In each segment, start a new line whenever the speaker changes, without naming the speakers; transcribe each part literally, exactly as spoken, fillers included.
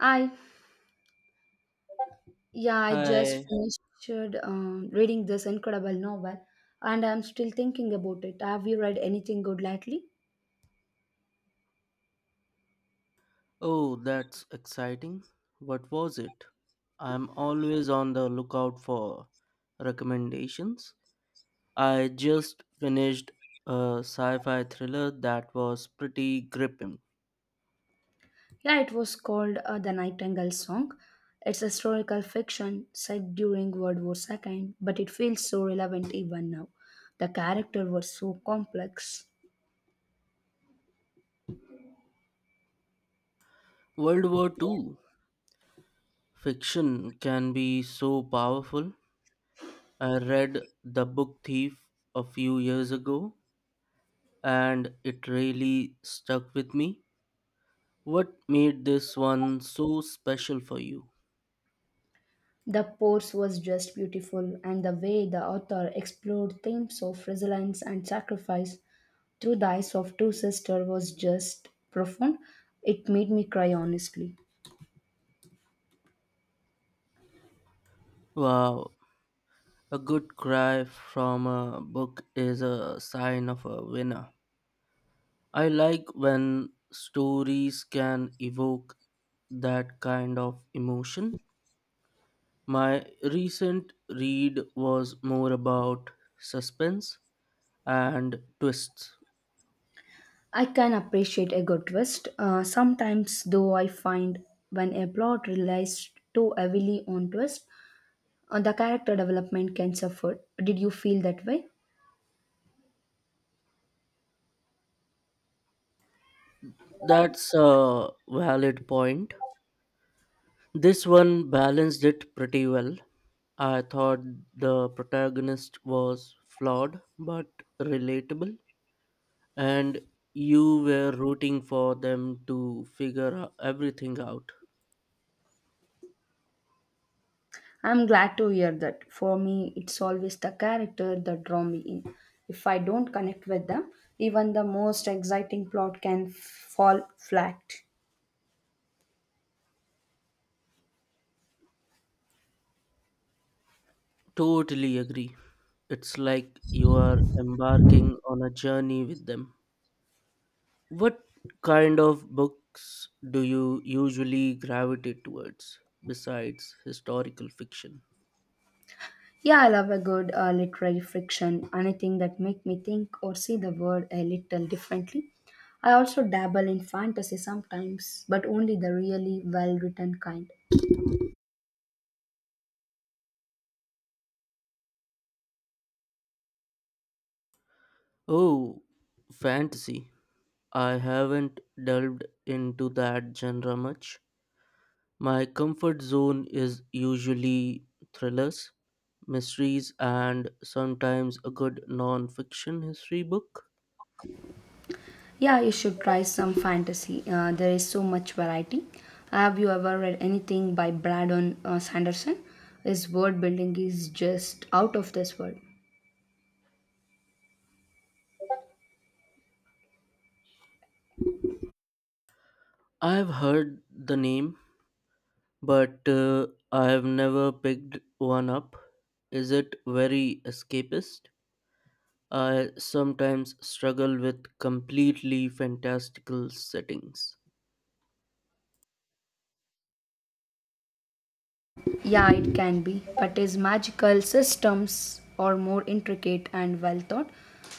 I yeah, I just
Hi.
finished um, reading this incredible novel, and I'm still thinking about it. Have you read anything good lately?
Oh, that's exciting. What was it? I'm always on the lookout for recommendations. I just finished a sci fi thriller that was pretty gripping.
Yeah, it was called uh, The Nightingale Song. It's historical fiction set during World War two, but it feels so relevant even now. The characters were so complex.
World War two fiction can be so powerful. I read The Book Thief a few years ago and it really stuck with me. What made this one so special for you?
The prose was just beautiful, and the way the author explored themes of resilience and sacrifice through the eyes of two sisters was just profound. It made me cry honestly.
Wow, a good cry from a book is a sign of a winner. I like when stories can evoke that kind of emotion. My recent read was more about suspense and twists.
I can appreciate a good twist. Uh, sometimes, though, I find when a plot relies too heavily on twist, uh, the character development can suffer. Did you feel that way?
That's a valid point. This one balanced it pretty well. I thought the protagonist was flawed but relatable and you were rooting for them to figure o- everything out.
I'm glad to hear that. For me, it's always the character that draw me in. If I don't connect with them, even the most exciting plot can f- fall flat.
Totally agree. It's like you are embarking on a journey with them. What kind of books do you usually gravitate towards besides historical fiction?
Yeah, I love a good uh, literary fiction, anything that make me think or see the world a little differently. I also dabble in fantasy sometimes, but only the really well-written kind.
Oh, fantasy. I haven't delved into that genre much. My comfort zone is usually thrillers, mysteries, and sometimes a good non fiction history book.
Yeah, you should try some fantasy. Uh, there is so much variety. Have you ever read anything by Brandon uh, Sanderson? His world building is just out of this world.
I've heard the name, but uh, I've never picked one up. Is it very escapist? I sometimes struggle with completely fantastical settings.
Yeah, it can be, but his magical systems are more intricate and well thought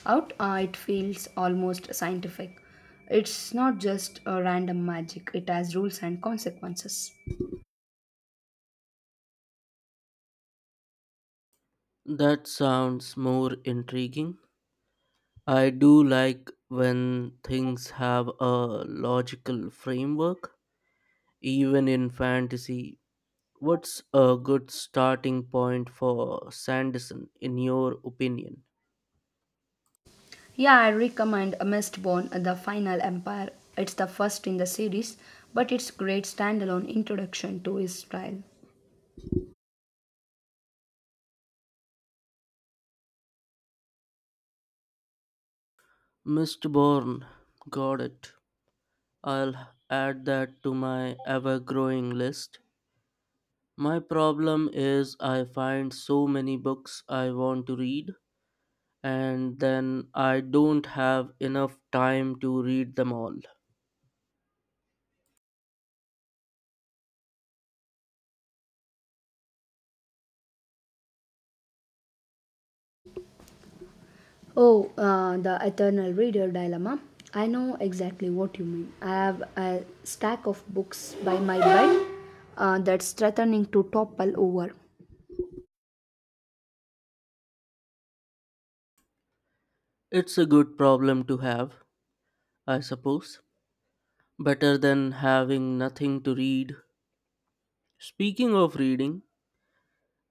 out. Uh, it feels almost scientific. It's not just a random magic, it has rules and consequences.
That sounds more intriguing. I do like when things have a logical framework, even in fantasy. What's a good starting point for Sanderson, in your opinion?
Yeah, I recommend A Mistborn, The Final Empire. It's the first in the series, but it's great standalone introduction to his style.
mister Bourne, got it. I'll add that to my ever growing list. My problem is I find so many books I want to read, and then I don't have enough time to read them all.
Oh, uh, the Eternal Reader Dilemma. I know exactly what you mean. I have a stack of books by my bed uh, that's threatening to topple over.
It's a good problem to have, I suppose. Better than having nothing to read. Speaking of reading,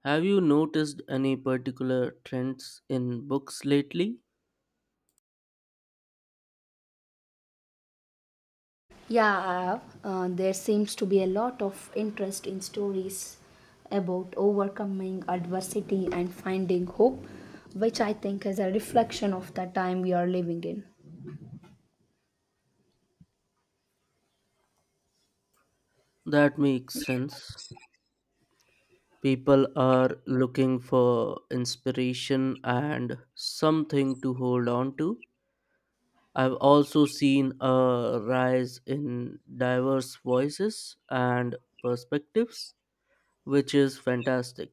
have you noticed any particular trends in books lately?
Yeah, I have. Uh, there seems to be a lot of interest in stories about overcoming adversity and finding hope, which I think is a reflection of the time we are living in.
That makes sense. People are looking for inspiration and something to hold on to. I've also seen a rise in diverse voices and perspectives, which is fantastic.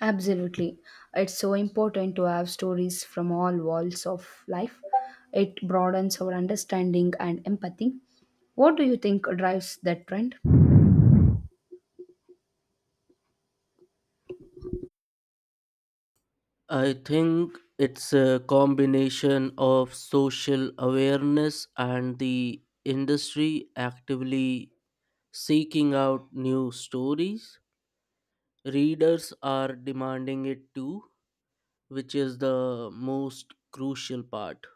Absolutely. It's so important to have stories from all walls of life. It broadens our understanding and empathy. What do you think drives that trend?
I think it's a combination of social awareness and the industry actively seeking out new stories. Readers are demanding it too, which is the most crucial part.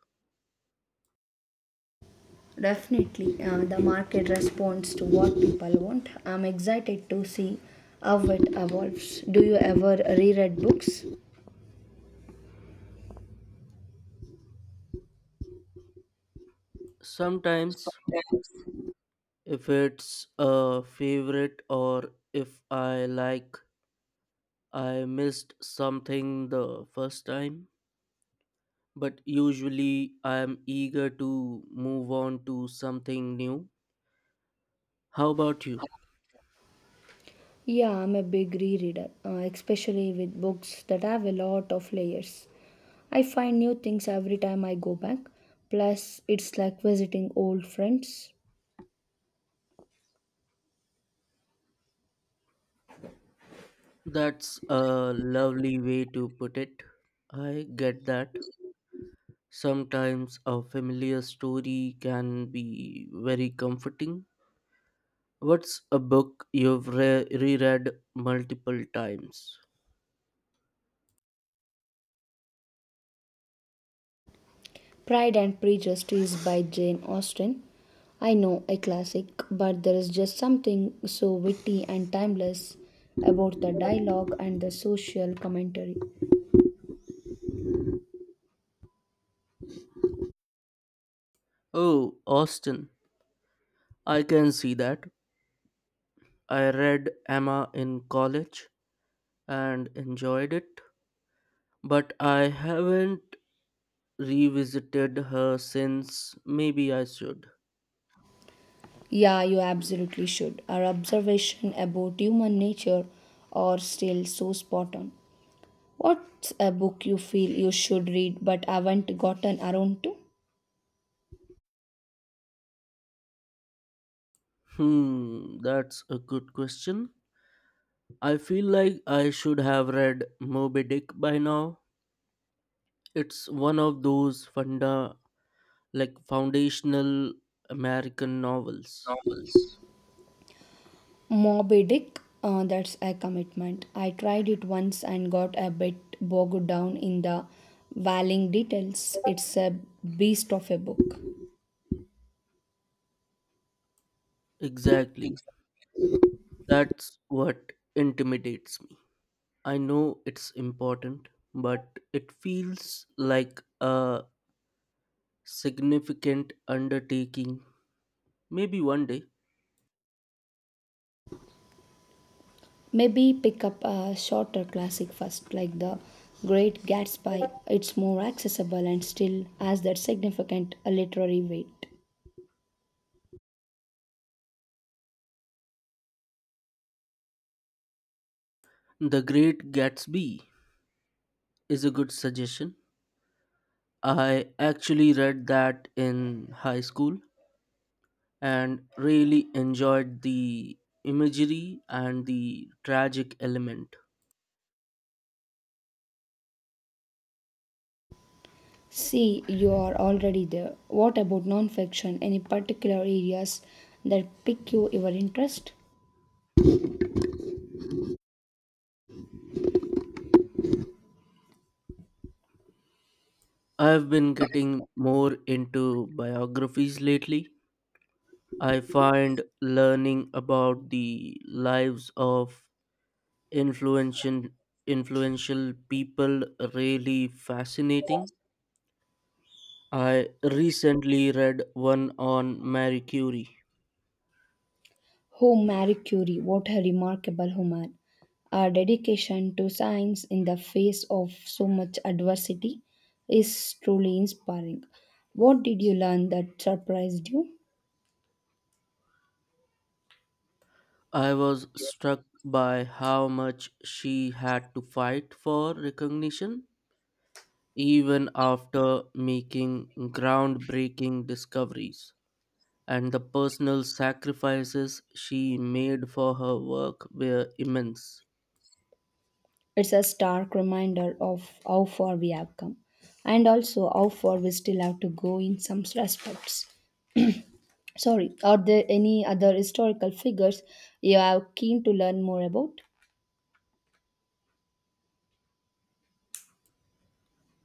Definitely, uh, the market responds to what people want. I'm excited to see how it evolves. Do you ever reread books?
Sometimes, if it's a favorite or if I like, I missed something the first time, but usually I'm eager to move on to something new. How about you?
Yeah, I'm a big rereader, uh, especially with books that have a lot of layers. I find new things every time I go back. Plus, it's like visiting old friends.
That's a lovely way to put it. I get that. Sometimes a familiar story can be very comforting. What's a book you've re- reread multiple times?
Pride and Prejudice by Jane Austen. I know a classic, but there is just something so witty and timeless about the dialogue and the social commentary.
Oh, Austin. I can see that. I read Emma in college and enjoyed it, but I haven't revisited her since. Maybe I should.
Yeah, you absolutely should. Our observation about human nature are still so spot on. What's a book you feel you should read but haven't gotten around to?
Hmm, that's a good question. I feel like I should have read Moby Dick by now. It's one of those funda like foundational American novels.
Novels Moby Dick, uh, that's a commitment. I tried it once and got a bit bogged down in the vowing details. It's a beast of a book.
Exactly. That's what intimidates me. I know it's important, but it feels like a significant undertaking. Maybe one day.
Maybe pick up a shorter classic first, like The Great Gatsby. It's more accessible and still has that significant literary weight.
The Great Gatsby is a good suggestion. I actually read that in high school and really enjoyed the imagery and the tragic element.
See, you are already there. What about nonfiction? Any particular areas that pique your interest?
I've been getting more into biographies lately. I find learning about the lives of influential influential people really fascinating. I recently read one on Marie Curie.
Oh, Marie Curie, what a remarkable woman. Her dedication to science in the face of so much adversity is truly inspiring. What did you learn that surprised you?
I was struck by how much she had to fight for recognition even after making groundbreaking discoveries. And the personal sacrifices she made for her work were immense.
It's a stark reminder of how far we have come and also how far we still have to go in some respects. Sorry, are there any other historical figures you are keen to learn more about?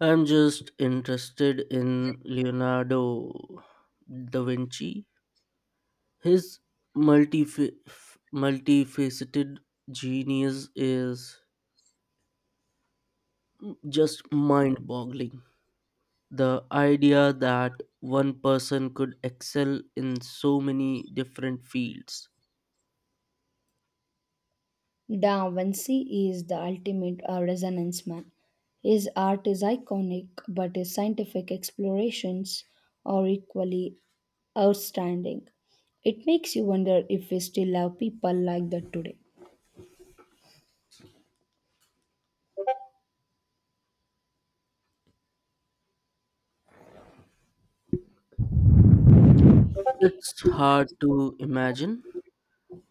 I'm just interested in Leonardo da Vinci. His multif- multifaceted genius is just mind boggling. The idea that one person could excel in so many different fields.
Da Vinci is the ultimate uh, resonance man. His art is iconic, but his scientific explorations are equally outstanding. It makes you wonder if we still have people like that today.
It's hard to imagine.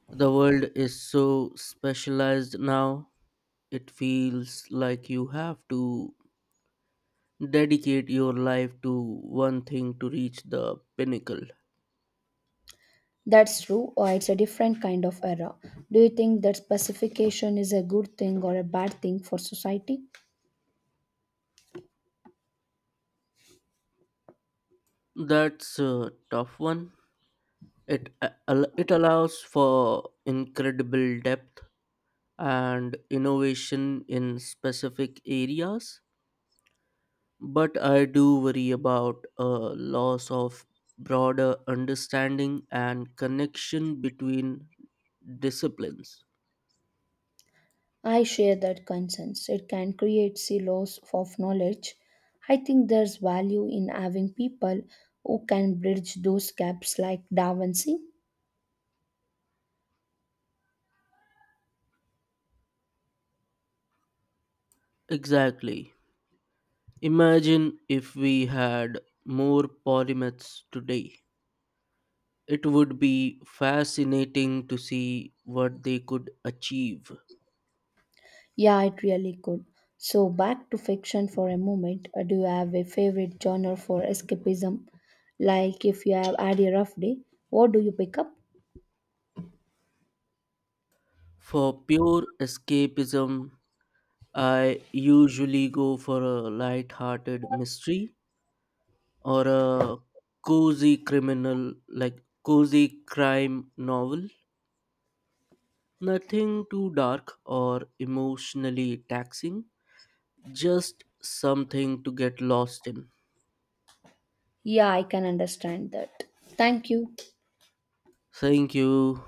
The world is so specialized now, it feels like you have to dedicate your life to one thing to reach the pinnacle.
That's true, or it's a different kind of era. Do you think that specification is a good thing or a bad thing for society?
That's a tough one. It, a- al- it allows for incredible depth and innovation in specific areas, but I do worry about a loss of broader understanding and connection between disciplines.
I share that concerns. It can create silos of knowledge. I think there's value in having people who can bridge those gaps like Da Vinci.
Exactly. Imagine if we had more polymaths today. It would be fascinating to see what they could achieve.
Yeah, it really could. So back to fiction for a moment. Uh, Do you have a favorite genre for escapism? Like if you have had a rough day, what do you pick up?
For pure escapism, I usually go for a light-hearted mystery or a cozy criminal like cozy crime novel. Nothing too dark or emotionally taxing, just something to get lost in.
Yeah, I can understand that. Thank you.
Thank you.